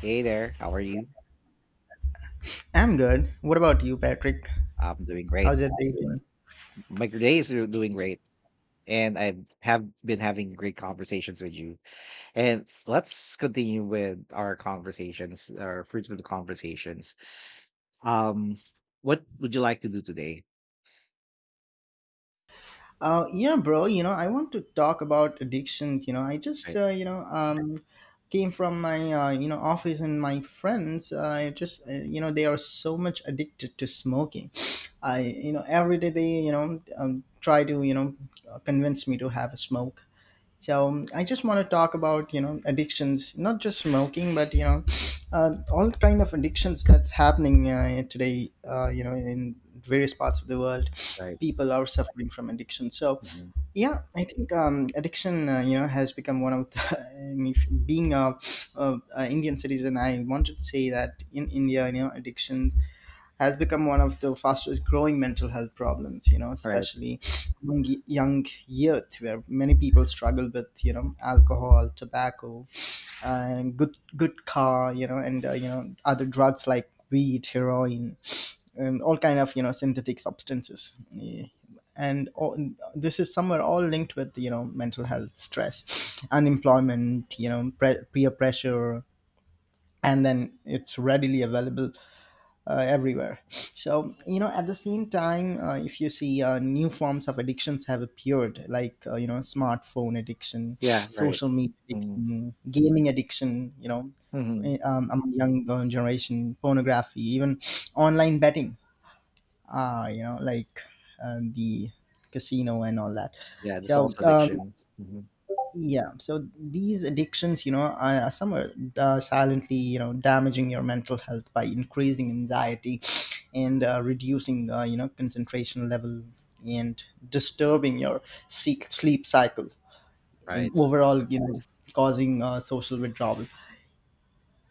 Hey there, how are you? I'm good. What about you, Patrick? I'm doing great. How's your day going? My day is doing great, and I have been having great conversations with you. And let's continue with our conversations, our fruitful conversations. Um, what would you like to do today? Yeah, bro. I want to talk about addiction. I just, Right, came from my, office and my friends. I just, you know, They are so much addicted to smoking. Every day they, try to convince me to have a smoke. So I just want to talk about addictions, not just smoking, but all kind of addictions that's happening today. In various parts of the world, right, people are suffering from addiction. So mhm, yeah, I think addiction has become one of the. I mean, being a Indian citizen, I wanted to say that in India, addiction has become one of the fastest growing mental health problems, right. especially among young youth, where many people struggle with alcohol, tobacco, and good car and other drugs like weed, heroin, and all kind of synthetic substances. Yeah. And all, this is somewhere all linked with mental health, stress, unemployment, peer pressure, and then it's readily available everywhere. So, at the same time, if you see, new forms of addictions have appeared, like, smartphone addiction, Yeah, right. social media Mm-hmm. addiction, gaming addiction, Mm-hmm, among young generation, pornography, even online betting, like the casino and all that. yeah, the So, salsa addiction. Mhm, yeah, so these addictions are some are silently damaging your mental health by increasing anxiety and reducing concentration level and disturbing your seek sleep cycle and right. overall causing social withdrawal.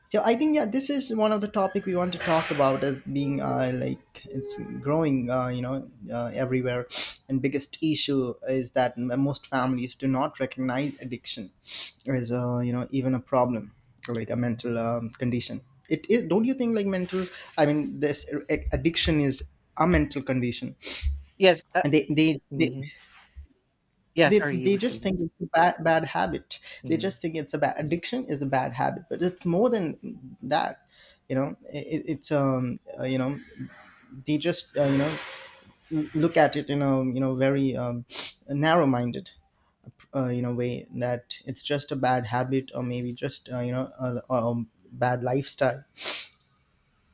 So I think, yeah, this is one of the topic we want to talk about, as being like it's growing everywhere. And biggest issue is that most families do not recognize addiction as, even a problem, like a mental condition. It is. Don't you think, like, mental? I mean, this addiction is a mental condition, Yes. And they they they Mhm. Yeah. they, Sorry, you they were just saying. think it's a bad habit. They Mhm. just think it's a bad... addiction is a bad habit, but it's more than that. You know, it's they just look at it in a, very narrow minded, way, that it's just a bad habit, or maybe just a bad lifestyle.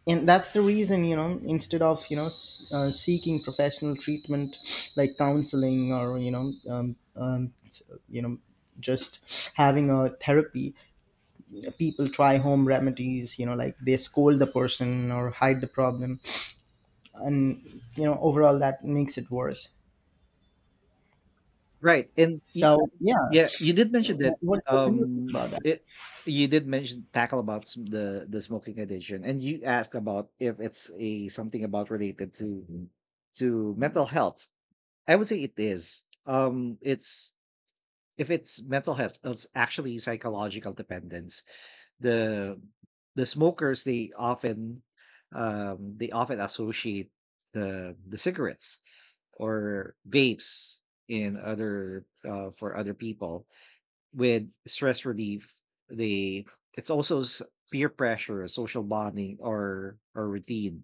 And that's the reason, instead of seeking professional treatment like counseling, or you know just having a therapy, people try home remedies, like they scold the person or hide the problem, and overall that makes it worse. Right, So yeah, yeah, you did mention that, what do you think um, about that? it You did mention tackle about sm the smoking addiction, and you asked about if it's a something about related to mental health. I would say it is. It's if it's mental health, it's actually psychological dependence. The the smokers, they often associate the cigarettes or vapes in other for other people with stress relief. They it's also s- peer pressure, social bonding, or routine.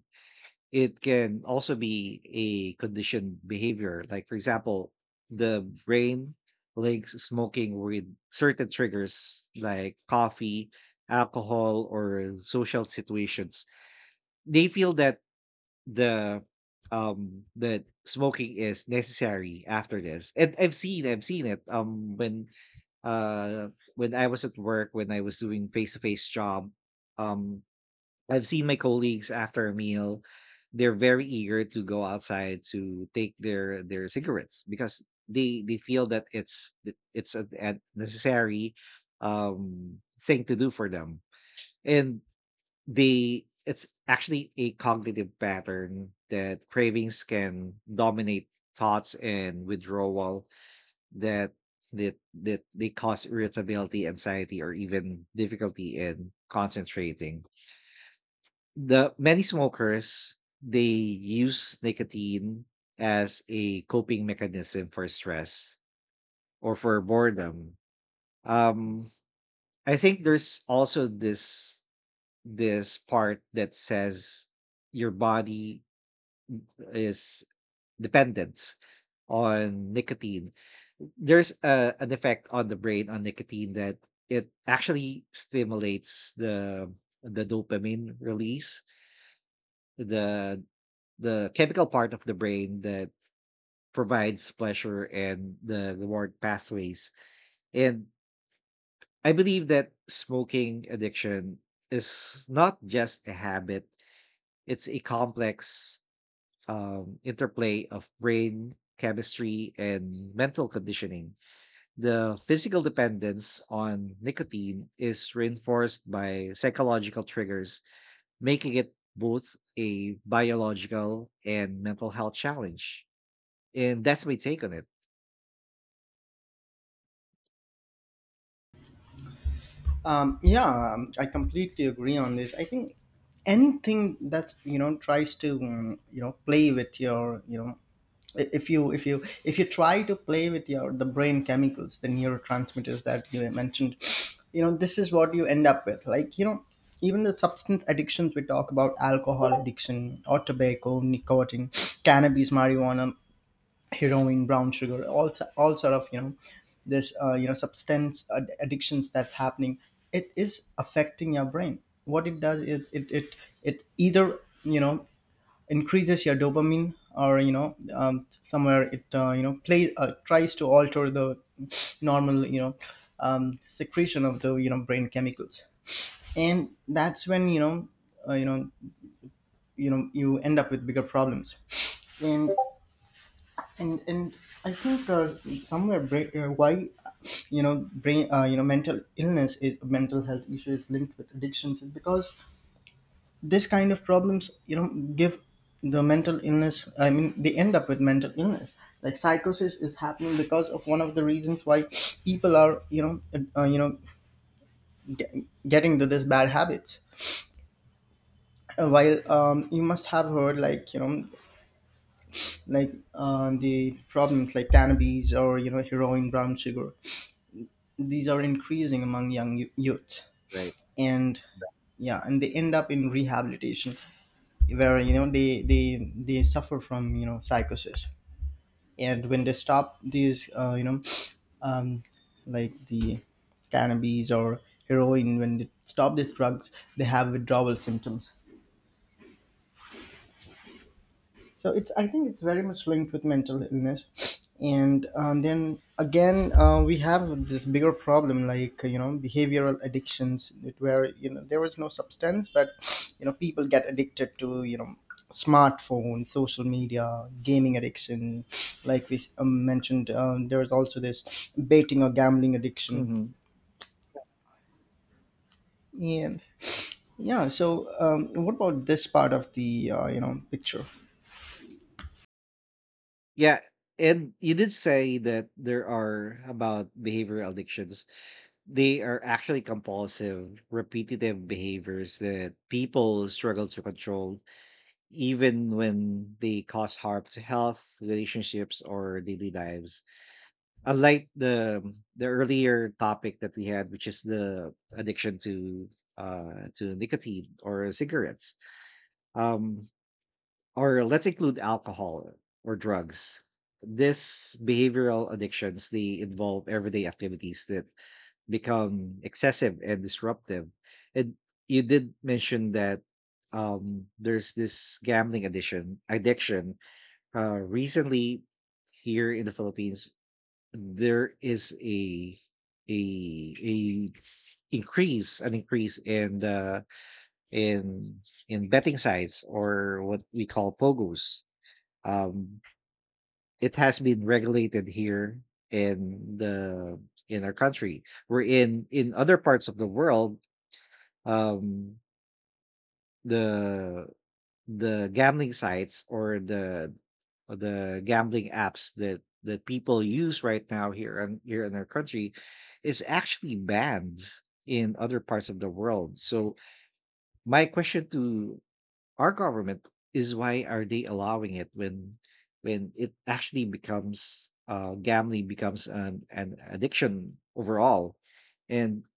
It can also be a conditioned behavior. Like, for example, the brain links smoking with certain triggers like coffee, alcohol, or social situations. They feel that the that smoking is necessary after this. And I've seen it, uh when I was at work, when I was doing face-to-face job. um I've seen my colleagues after a meal. They're very eager to go outside to take their cigarettes because they feel that it's a necessary thing to do for them. And they it's actually a cognitive pattern, that cravings can dominate thoughts and withdrawal, that that that they cause irritability, anxiety, or even difficulty in concentrating. The many smokers, they use nicotine as a coping mechanism for stress or for boredom. Um, I think there's also this part that says your body is dependence on nicotine. There's an effect on the brain on nicotine, that it actually stimulates the dopamine release, the the chemical part of the brain that provides pleasure and the reward pathways. And I believe that smoking addiction is not just a habit. It's a complex interplay of brain chemistry and mental conditioning. The physical dependence on nicotine is reinforced by psychological triggers, making it both a biological and mental health challenge. And that's my take on it. Yeah, I completely agree on this. I think anything that's tries to, play with your... if you try to play with your the brain chemicals, the neurotransmitters that you mentioned, this is what you end up with. Like, even the substance addictions we talk about: alcohol addiction, or tobacco, nicotine, cannabis, marijuana, heroin, brown sugar, all sort of this substance addictions that's happening, it is affecting your brain. What it does is it either you know increases your dopamine, or somewhere it you know play tries to alter the normal, secretion of the brain chemicals, and that's when, uh, you know you end up with bigger problems. And and and I think, somewhere why brain mental illness is... mental health issue is linked with addictions, is because this kind of problems, give the mental illness. I mean, they end up with mental illness, like psychosis is happening, because of one of the reasons why people are, uh, you know getting to this bad habits. While, you must have heard, like, like the problems like cannabis or heroin, brown sugar, these are increasing among young youth, Right. and yeah, and they end up in rehabilitation, where, they they suffer from, psychosis. And when they stop these um, like the cannabis or heroin, when they stop these drugs, they have withdrawal symptoms. So it's... I think it's very much linked with mental illness. And, then again, we have this bigger problem, like, behavioral addictions, that where, there is no substance, but people get addicted to, smartphone, social media, gaming addiction. Like we mentioned, there is also this betting or gambling addiction, Mhm. and yeah. So, what about this part of the picture? Yeah, and you did say that there are about behavioral addictions. They are actually compulsive, repetitive behaviors that people struggle to control, even when they cause harm to health, relationships, or daily lives. Unlike the earlier topic that we had, which is the addiction to nicotine or cigarettes, um, or let's include alcohol or drugs. These behavioral addictions, they involve everyday activities that become excessive and disruptive. And you did mention that there's this gambling addiction. Recently, here in the Philippines, there is a a increase an increase in in in betting sites, or what we call pogos. um, it has been regulated here in the in our country, were in other parts of the world. Um, the the gambling sites, or the gambling apps that that people use right now here and here in our country, is actually banned in other parts of the world. So my question to our government is, why are they allowing it when it actually becomes gambling becomes an addiction overall. And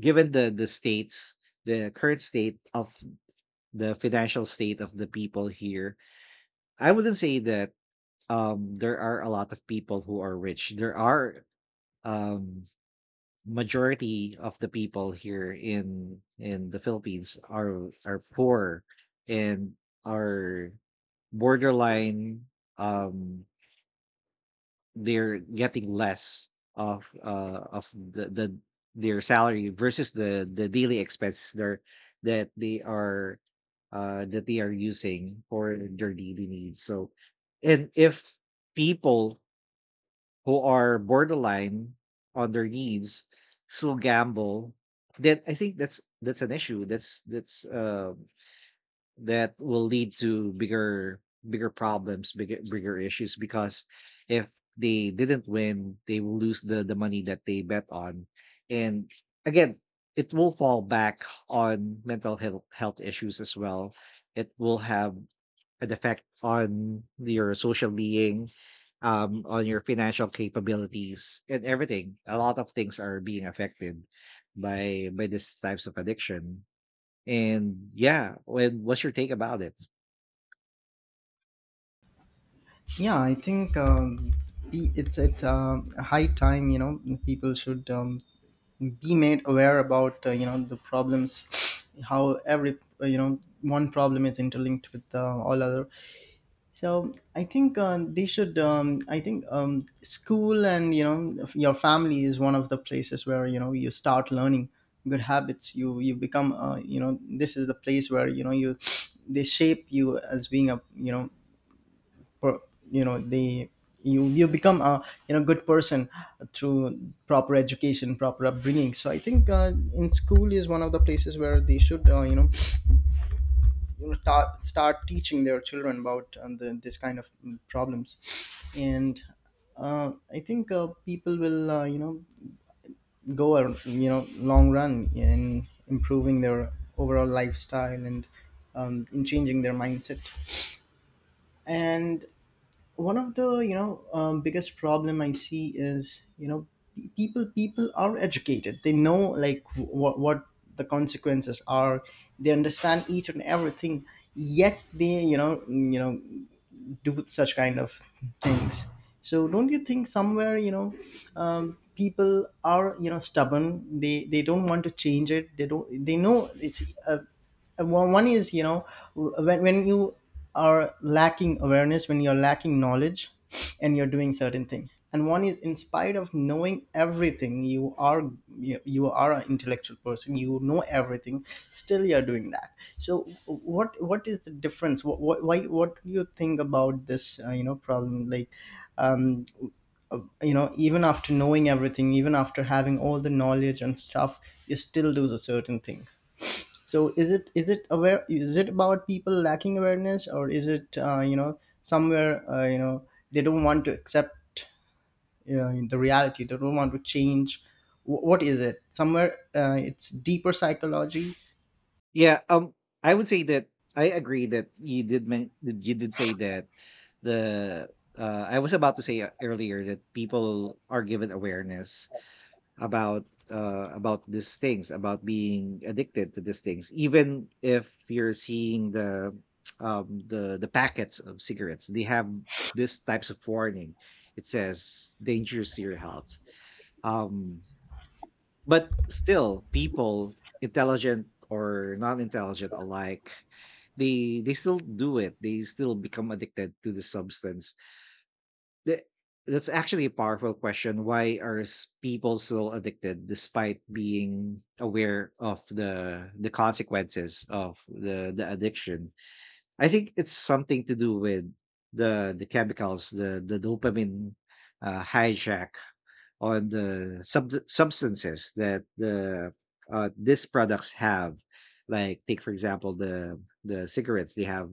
given the current state of the financial state of the people here, I wouldn't say that there are a lot of people who are rich. There are um majority of the people here in the Philippines are poor, and are borderline. um they're getting less of the their salary versus the daily expenses they're that they are that they are using for their daily needs. So, and if people who are borderline on their needs still gamble, then I think that's an issue, that's that will lead to bigger problems, bigger issues, because if they didn't win, they will lose the money that they bet on. And again, it will fall back on mental health issues as well. It will have an effect on your social being, on your financial capabilities, and everything. A lot of things are being affected by these types of addiction. And yeah, when what's your take about it? Yeah, I think, it's high time. People should, be made aware about the problems, how every one problem is interlinked with all other. So I think they should. I think, school and your family is one of the places where, you start learning good habits. You become, this is the place where, you they shape you as being a, per- the, you become a, good person, through proper education, proper upbringing. So I think in school is one of the places where they should, start teaching their children about, the, this kind of problems. And I think people will go a long run in improving their overall lifestyle, and in changing their mindset. And one of the biggest problem I see is, people are educated. They know like what the consequences are. They understand each and everything, yet they, do such kind of things. So don't you think somewhere, people are, stubborn. They don't want to change it. They don't... they know it's, one is, when you are lacking awareness, when you're lacking knowledge, and you're doing certain thing, and one is, in spite of knowing everything, you are... you are an intellectual person, you know everything, still you're doing that. So what is the difference? What, what why what do you think about this problem, like, um even after knowing everything, even after having all the knowledge and stuff, you still do the certain thing. So is it about people lacking awareness, or is it somewhere they don't want to accept you the reality, they don't want to change? What is it? Somewhere, it's deeper psychology. Yeah, I would say that I agree that that you did say that the I was about to say earlier that people are given awareness about these things, about being addicted to these things, even if you're seeing the packets of cigarettes, they have these types of warning. It says dangerous to your health. Um, But still, people, intelligent or non-intelligent alike, they still do it. They still become addicted to the substance. Th- That's actually a powerful question. Why are people so addicted despite being aware of the consequences of the addiction? I think it's something to do with the chemicals, the dopamine hijack on the substances that these products have. Like, take for example, the cigarettes. They have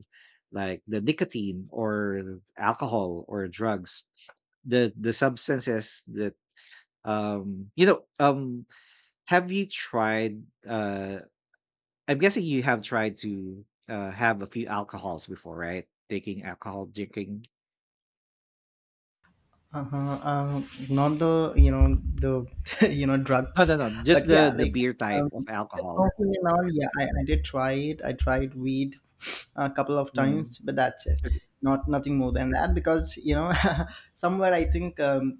like the nicotine, or alcohol, or drugs, the substances that um you know um have you tried I'm guessing you have tried to have a few alcohols before, right? Taking alcohol, drinking. Uh-huh. Not the, the No, no, drugs. no, just But the yeah, the like, beer type um, of alcohol. smoking and all, yeah. I did try it. I tried weed a couple of Mm. times, but that's it. Okay. Not nothing more than that, because, somewhere I think, um,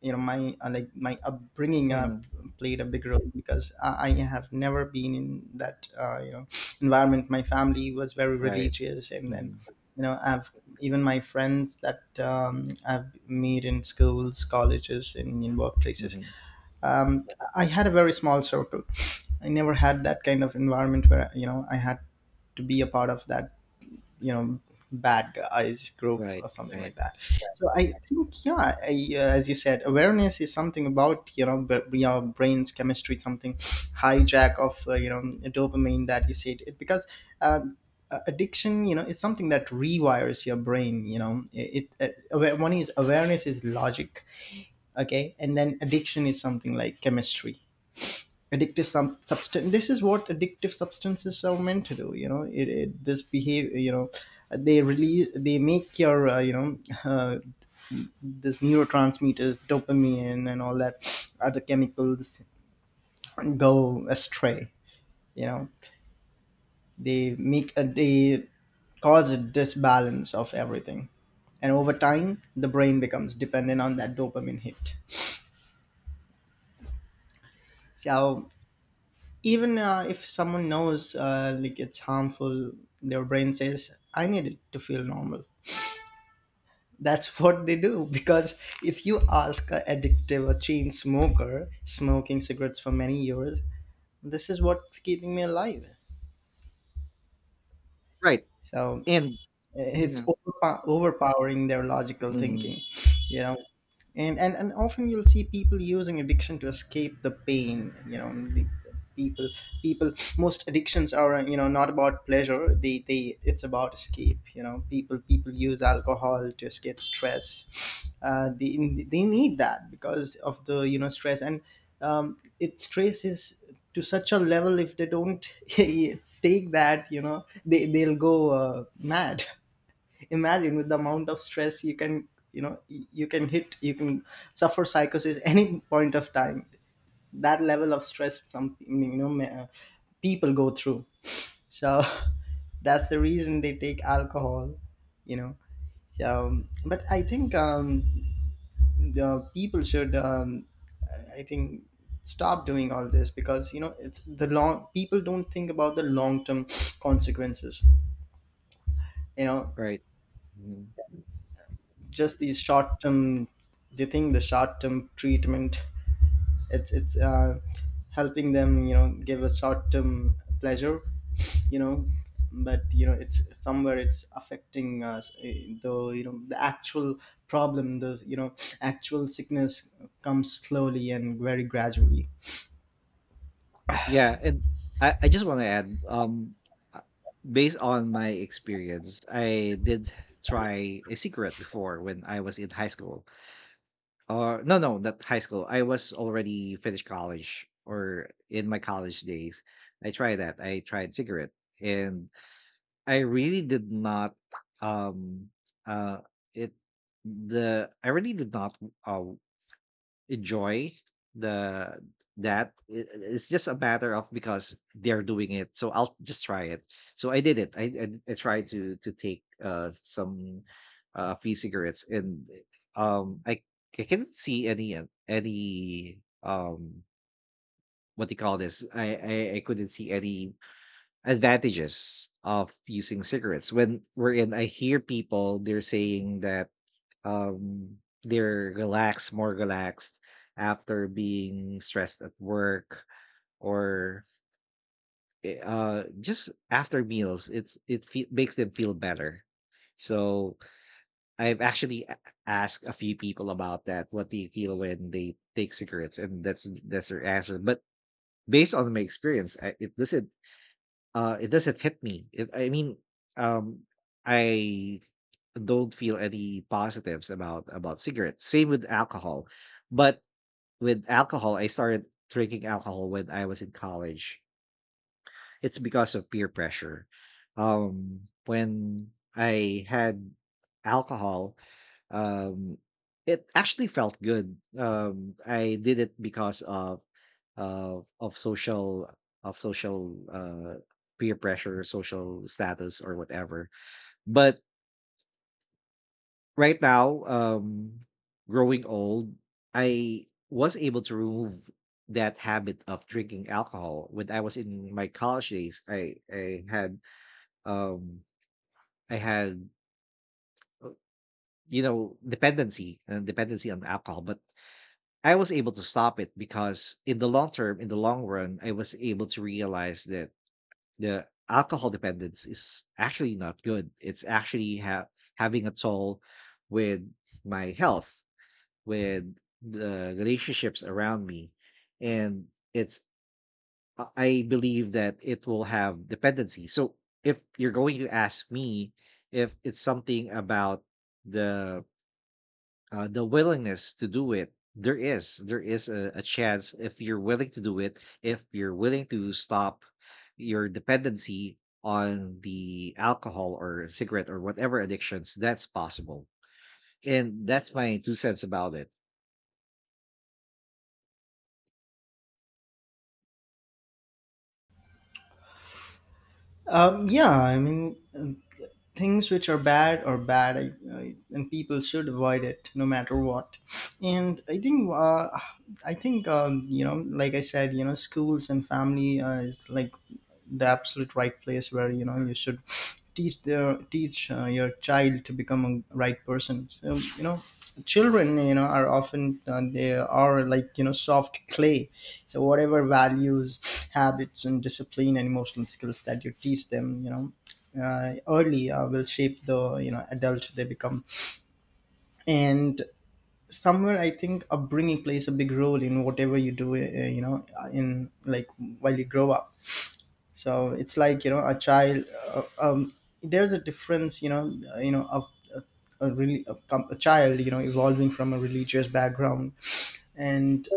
you know my like my upbringing Mhm. played a big role, because I have never been in that environment. My family was very Right. religious, and then Mhm. I've even my friends that, I've made in schools, colleges, in workplaces, Mhm. um, I had a very small circle. I never had that kind of environment where, I had to be a part of that, you know bad guys group Right, or something right. like that. So I think yeah, as you said, awareness is something about, your brain's chemistry, something hijack of, dopamine, that you said it, because uh, addiction, is something that rewires your brain. One is awareness is logic, okay, and then addiction is something like chemistry. Addictive substance, this is what addictive substances are meant to do, it, it this behave they release, they make your, uh, this neurotransmitters, dopamine and all that other chemicals, go astray, you know they cause a disbalance of everything, and over time the brain becomes dependent on that dopamine hit. So even if someone knows like it's harmful. Their brain says, I need it to feel normal. That's what they do because if you ask a addictive or chain smoker smoking cigarettes for many years, this is what's keeping me alive. Right, So and it's yeah. Overpowering their logical Mhm. thinking, you know. And often you'll see people using addiction to escape the pain, you know. The people people, most addictions are, you know, not about pleasure. They, it's about escape, you know. People use alcohol to escape stress. They need that because of the, you know, stress. And it stresses to such a level if they don't take that, you know, they'll go mad. Imagine, with the amount of stress, you can, you know, you can hit, you can suffer psychosis any point of time. That level of stress some, you know, people go through. So, that's the reason they take alcohol, you know. So but I think, the people should, I think, stop doing all this, because, you know, it's the long people don't think about the long term consequences, you know, Right. Mhm. just the short term. They think the short term treatment, it's helping them, you know, give a short term pleasure, you know. But you know, it's somewhere it's affecting us, though, you know, the actual problem, the, you know, actual sickness comes slowly and very gradually. Yeah, and I just wanna add, uh, based on my experience, I did try a cigarette before when I was in high school. Or no, no, not high school, I was already finished college, or in my college days. I tried that, I tried cigarette, and I really did not um uh it the I really did not uh, enjoy the that. It's just a matter of because they're doing it, so I'll just try it. So I did it, I tried to take some free cigarettes. And um I I couldn't see any what do you call this, I couldn't see any advantages of using cigarettes. When we're in, I hear people they're saying that um they're relaxed, more relaxed after being stressed at work, or just after meals. It's it makes them feel better. So I've actually asked a few people about that, what do you feel when they take cigarettes, and that's their answer. But based on my experience, it doesn't hit me. It, I mean, um, I don't feel any positives about cigarettes. Same with alcohol. But with alcohol, I started drinking alcohol when I was in college. It's because of peer pressure. When I had alcohol, um, it actually felt good. I did it because of uh, of social of social peer pressure, social status, or whatever. But right now, growing old, I was able to remove that habit of drinking alcohol. When I was in my college days, I had um I had dependency and dependency on alcohol. But I was able to stop it because in the long term, in the long run, I was able to realize that the alcohol dependence is actually not good. It's actually having a toll with my health, with the relationships around me, and it's I believe that it will have dependency. So if you're going to ask me, if it's something about the the willingness to do it, there is a chance. If you're willing to do it, if you're willing to stop your dependency on the alcohol or cigarette or whatever addictions, that's possible. And that's my two cents about it. Yeah, I mean, things which are bad are bad. And people should avoid it no matter what. And I think, you know, like I said, you know, schools and family is like the absolute right place where, you know, you should teach, your child to become a right person. So you know, children, you know, are often, they are, like, you know, soft clay. So whatever values, habits, and discipline and emotional skills that you teach them, you know, early, will shape the, you know, adult they become. And somewhere, I think upbringing plays a big role in whatever you do, you know, in, like, while you grow up. So it's, like, you know, a child. There's a difference, you know, a really a child, you know, evolving from a religious background. And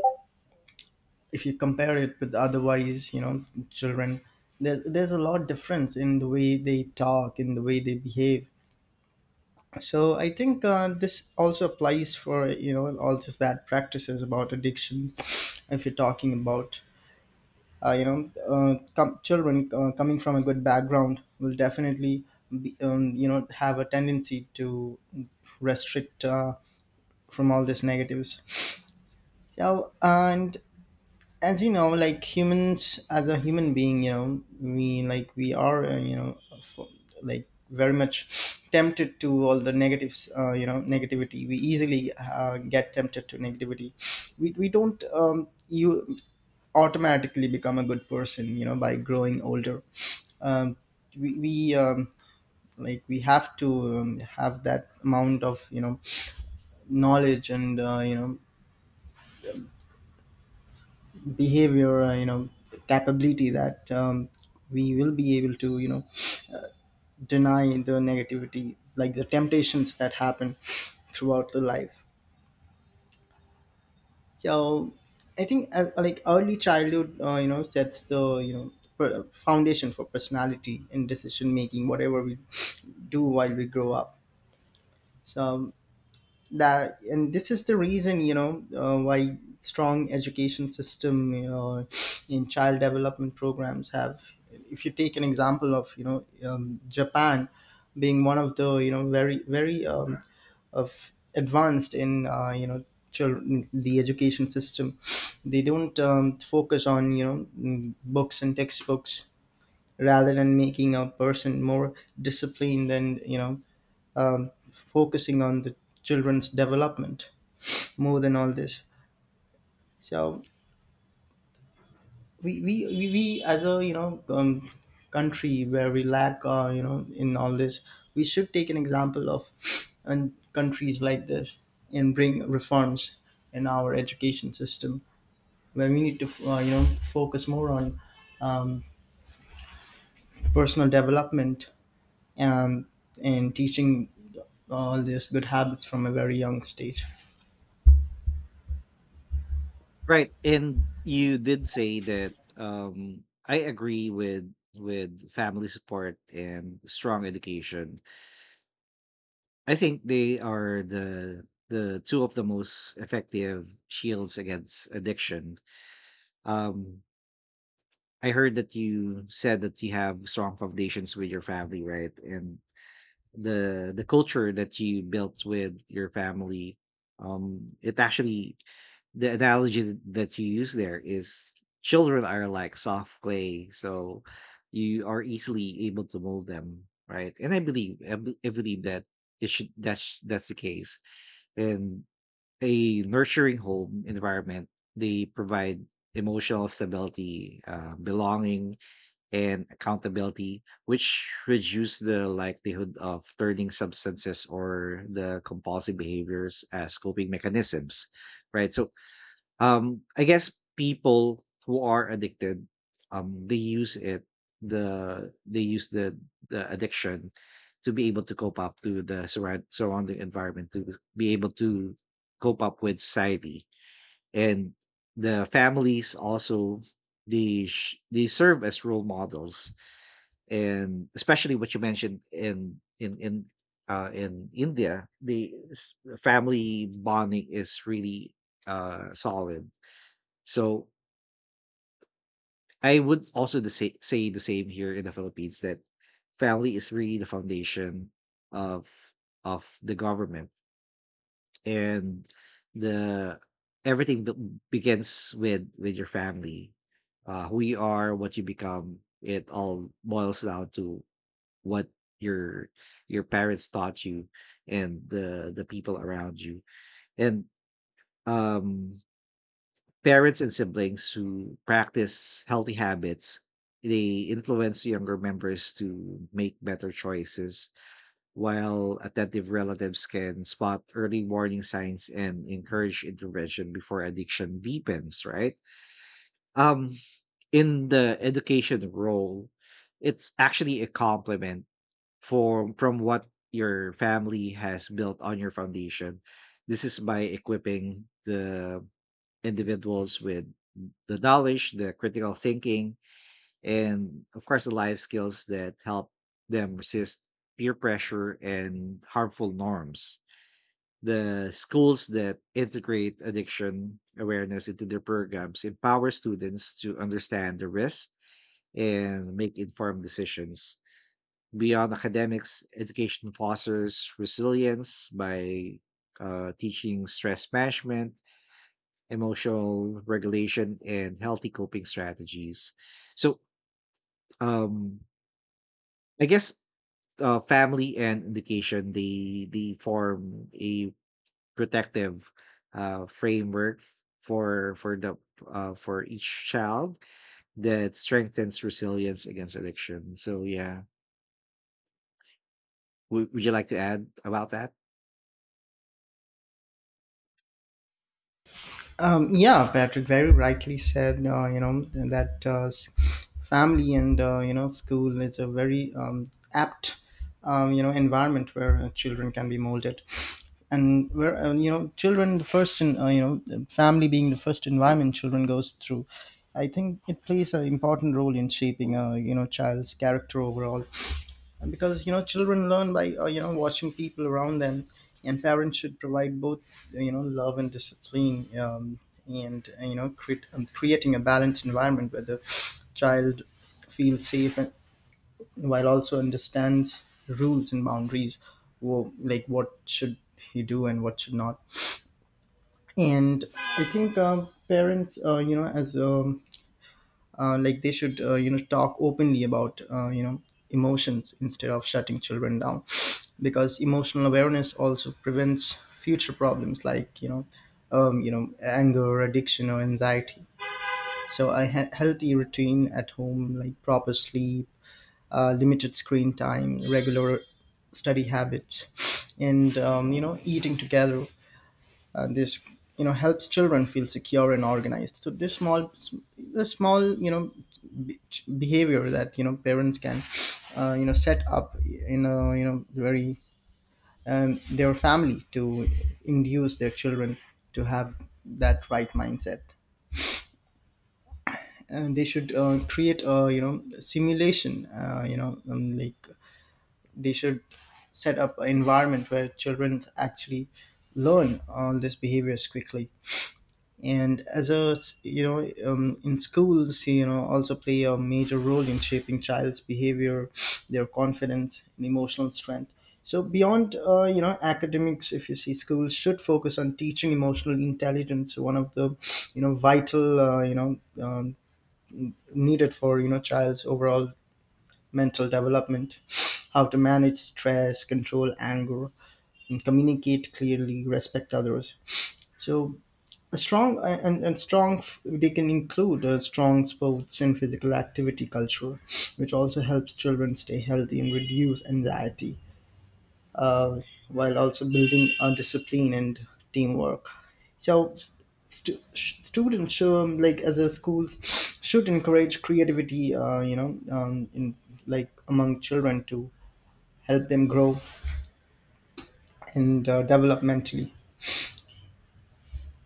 if you compare it with otherwise, you know, children, there's a lot difference in the way they talk, in the way they behave. So I think, this also applies for, you know, all these bad practices about addiction. If you're talking about, you know, children, coming from a good background, will definitely be, you know, have a tendency to restrict, from all these negatives. So and, as you know, like humans, as a human being, you know, we, like, we are, you know, f like, very much tempted to all the negatives, you know, negativity. We easily get tempted to negativity. We don't, you, automatically become a good person, you know, by growing older. um, We, like, we have to, have that amount of, you know, knowledge and, you know, behavior, you know, capability, that, we will be able to, you know, deny the negativity, like the temptations that happen throughout the life. So I think, like, early childhood, you know, sets the, you know, foundation for personality and decision making, whatever we do while we grow up. So that and this is the reason, you know, why strong education system, you know, in child development programs have. If you take an example of, you know, Japan being one of the, you know, very very, of advanced in, you know, children, the education system. They don't, focus on, you know, books and textbooks, rather than making a person more disciplined and, you know, focusing on the children's development more than all this. So we as a, you know, country where we lack, you know, in all this, we should take an example of, and countries like this, and bring reforms in our education system where we need to, you know, focus more on, um, personal development, um, and teaching all these good habits from a very young stage. Right. And you did say that I agree with family support and strong education. I think they are the two of the most effective shields against addiction. Um I heard that you said that you have strong foundations with your family, right? And the culture that you built with your family, it actually the analogy that you use there is children are like soft clay, so you are easily able to mold them, right? And I believe I believe that it should that's the case. And a nurturing home environment, they provide emotional stability, belonging, and accountability, which reduce the likelihood of turning substances or the compulsive behaviors as coping mechanisms, right? So I guess people who are addicted, they use it the they use the addiction to be able to cope up to the surrounding environment to be able to cope up with society, and the families also, they serve as role models. And especially what you mentioned in India, family bonding is really solid. So I would also say the same here in the Philippines, that family is really the foundation of the government, and the everything begins with your family. Uh, who you are, what you become, it all boils down to what your your parents taught you and the people around you. And um parents and siblings who practice healthy habits, they influence younger members to make better choices, while attentive relatives can spot early warning signs and encourage intervention before addiction deepens, right? um in the education role, it's actually a complement for from what your family has built on your foundation. This is by equipping the individuals with the knowledge, the critical thinking, and of course, the life skills that help them resist peer pressure and harmful norms. The schools that integrate addiction awareness into their programs empower students to understand the risk and make informed decisions. Beyond academics, education fosters resilience by teaching stress management, emotional regulation, and healthy coping strategies. So, um, I guess uh, family and education, they form a protective framework for the for each child, that strengthens resilience against addiction. So, yeah, would you like to add about that? Yeah, Patrick very rightly said, you know, that family and, you know, school is a very, apt, you know, environment where, children can be molded. And where, you know, children, you know, the family being the first environment children goes through, I think it plays an important role in shaping a, you know, child's character overall. Because, you know, children learn by, you know, watching people around them. And parents should provide both, you know, love and discipline, and, you know, creating a balanced environment where the child feels safe, and while also understands rules and boundaries. Like, what should he do and what should not. And I think, parents, you know, as, like, they should, you know, talk openly about, you know, emotions, instead of shutting children down. Because emotional awareness also prevents future problems, like, you know, you know, anger, addiction, or anxiety. So a healthy routine at home, like proper sleep, limited screen time, regular study habits, and, you know, eating together, this, you know, helps children feel secure and organized. So this small, the small you know, be- behavior that, you know, parents can, you know, set up in a, you know, very, their family, to induce their children to have that right mindset. And they should, create a, you know, simulation, you know, like, they should set up an environment where children actually learn all these behaviors quickly. And you know, in schools, you know, also play a major role in shaping child's behavior, their confidence, and emotional strength. So beyond, you know, academics, if you see, schools should focus on teaching emotional intelligence, one of the, you know, vital, you know, needed for, you know, child's overall mental development. How to manage stress, control anger, and communicate clearly, respect others. So a strong and strong f- they can include, strong sports and physical activity culture, which also helps children stay healthy and reduce anxiety, uh, while also building, discipline and teamwork. So students show, like, as a school, should encourage creativity, you know, in, like, among children, to help them grow and, develop mentally.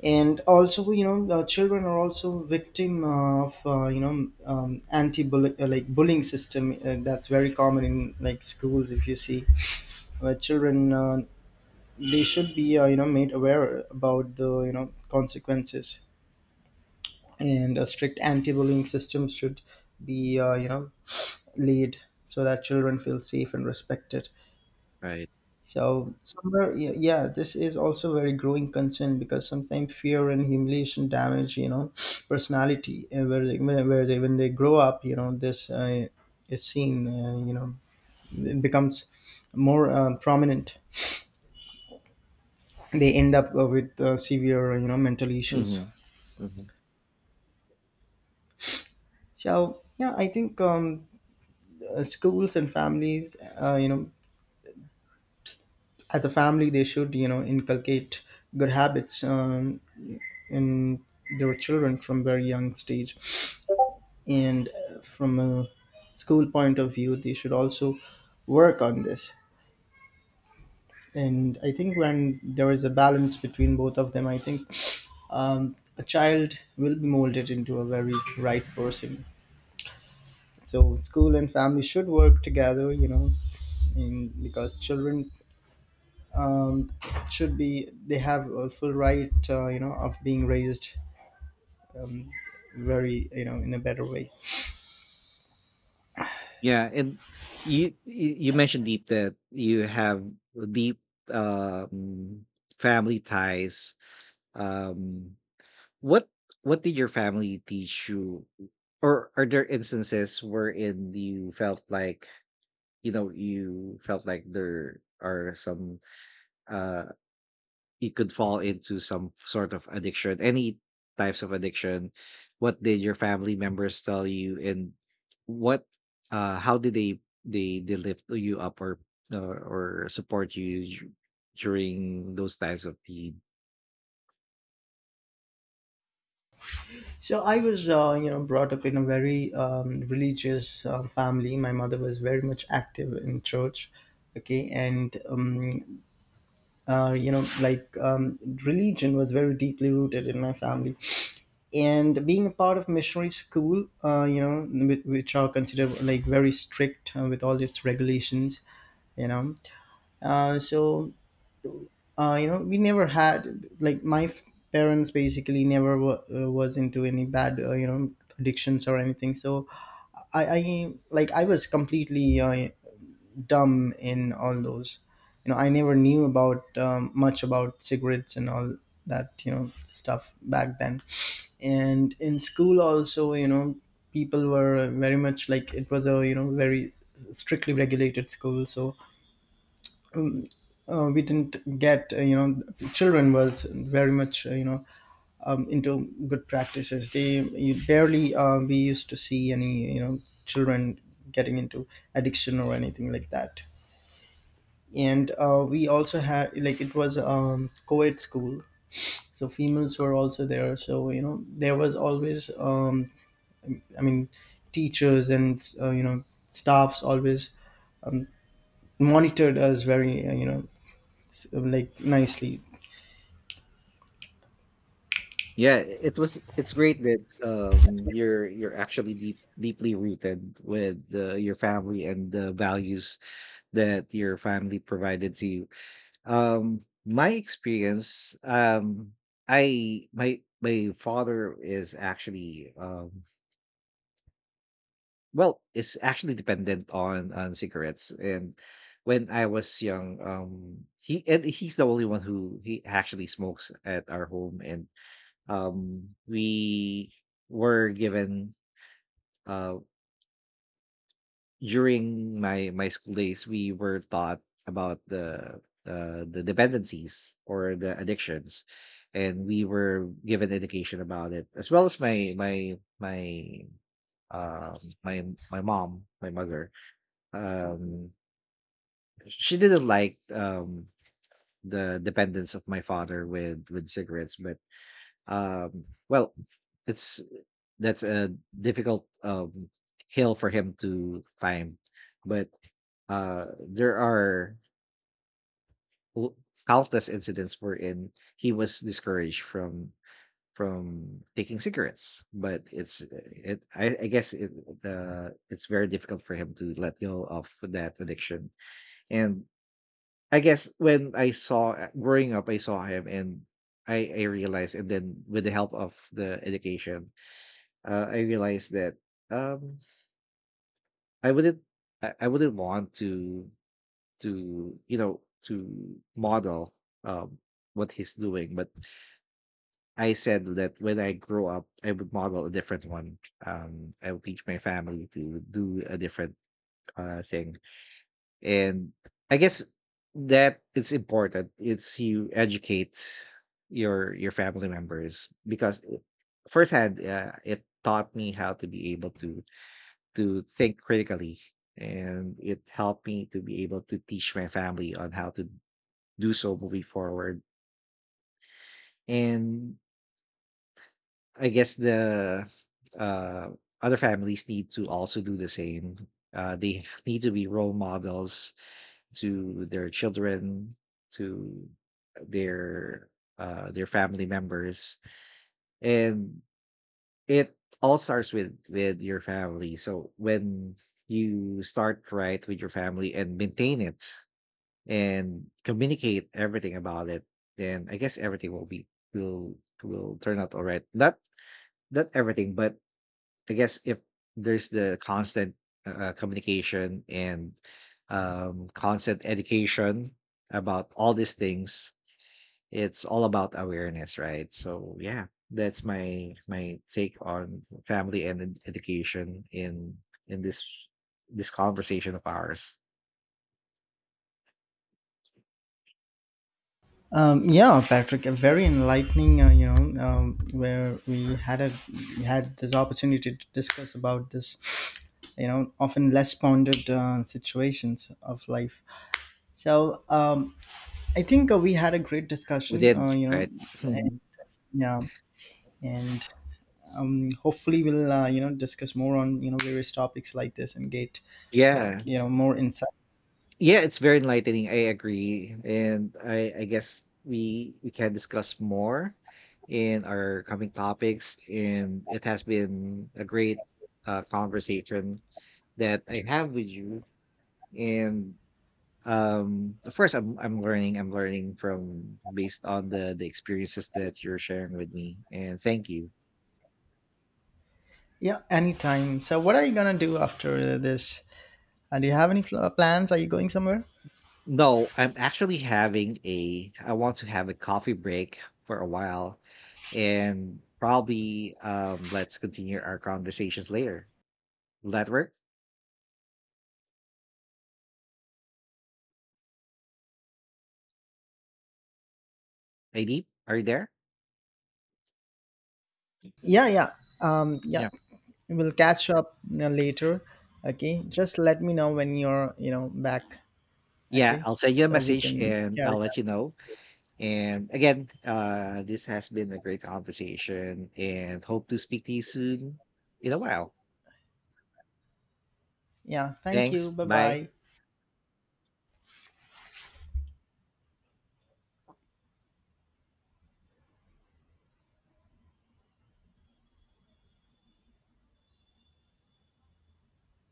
And also, you know, children are also victim of, you know, anti bullying like bullying system, that's very common in, like, schools, if you see, where children, they should be, you know, made aware about the, you know, consequences. And a strict anti-bullying system should be, you know, laid, so that children feel safe and respected. Right. So somewhere, yeah, yeah, this is also very growing concern, because sometimes fear and humiliation damage, you know, personality. And where they when they grow up, you know, this, is seen, you know, it becomes more, prominent. They end up, with, severe, you know, mental issues. hmm hmm So yeah, I think, schools and families, you know, as a family, they should, you know, inculcate good habits, in their children from very young stage. And, from a school point of view, they should also work on this. And I think when there is a balance between both of them, I think, a child will be molded into a very right person. So school and family should work together, you know, because children, um, should be they have a full right, you know, of being raised, very, you know, in a better way. Yeah, and you mentioned, Deep, that you have deep um, family ties. Um, what did your family teach you, or are there instances wherein you felt like, you know, you felt like there are some uh you could fall into some sort of addiction, any types of addiction? What did your family members tell you, and what, how did they lift you up or support you during those times of need? So I was, you know, brought up in a very, religious, family. My mother was very much active in church, okay, and, you know, like, religion was very deeply rooted in my family. And being a part of missionary school, you know, which are considered like very strict, with all its regulations, you know, so, you know, we never had, like, parents basically never was into any bad, you know, addictions or anything. So I like I was completely, dumb in all those. You know, I never knew about, much about cigarettes and all that, you know, stuff back then. And in school also, you know, people were very much, like, it was a, you know, very strictly regulated school. So, we didn't get you know, children was very much, you know, into good practices. They you barely We used to see any, you know, children getting into addiction or anything like that. And, we also had, like, it was, co-ed school, so females were also there. So you know there was always, I mean, teachers and, you know, staffs always monitored us very, you know, like, nicely. Yeah, it was. It's great that you're actually deeply rooted with your family and the values that your family provided to you. My experience, I my my father is actually well, is actually dependent on cigarettes. And when I was young, he's the only one who he actually smokes at our home, and we were given. Uh, During my school days, we were taught about the dependencies or the addictions, and we were given education about it. As well, as my um my my mom my mother um she didn't like the dependence of my father with cigarettes. But um well it's that's a difficult hill for him to climb. But there are l- countless incidents wherein he was discouraged from taking cigarettes, but it's it. I guess it's very difficult for him to let go of that addiction. And I guess when I saw, growing up, I saw him. And. I, I realized, and then with the help of the education, I realized that um, I wouldn't I wouldn't want to, you know, to model um, what he's doing. But I said that when I grow up, I would model a different one. I would teach my family to do a different thing. And I guess that it's important. It's You educate your family members, because firsthand, it taught me how to be able to think critically, and it helped me to be able to teach my family on how to do so moving forward. And I guess the uh, other families need to also do the same. They need to be role models to their children, to their their family members. And it all starts with your family. So when you start right with your family and maintain it and communicate everything about it, then I guess everything will will turn out all right. Not not everything, but I guess if there's the constant communication and constant education about all these things, it's all about awareness, right? So yeah, that's my take on family and education in this conversation of ours. Yeah, Patrick, a very enlightening. You know, where we had this opportunity to discuss about this. You know, often less pondered, situations of life. So, I think, we had a great We discussion. did, You know, right? yeah, and, hopefully we'll, you know, discuss more on, you know, various topics like this, and get, Yeah. you know, more insight. Yeah, it's very enlightening. I agree, and I guess we can discuss more in our coming topics. And it has been a great conversation that I have with you. And of course, I'm learning. I'm learning from, based on the experiences that you're sharing with me. And thank you. Yeah, anytime. So what are you gonna do after this? Do you have any plans? Are you going somewhere? No, I'm actually having a, I want to have a coffee break for a while, and probably, let's continue our conversations later. Will that work? Nadine, are you there? Yeah, yeah, yeah, Yeah. we'll catch up you later. Okay, just let me know when you're, you know, back. Yeah, Okay, I'll send you a so we message can and I'll carry let on. you know. And again, this has been a great conversation, and hope to speak to you soon, in a while. Yeah, thank you. Thanks. Bye Bye. bye.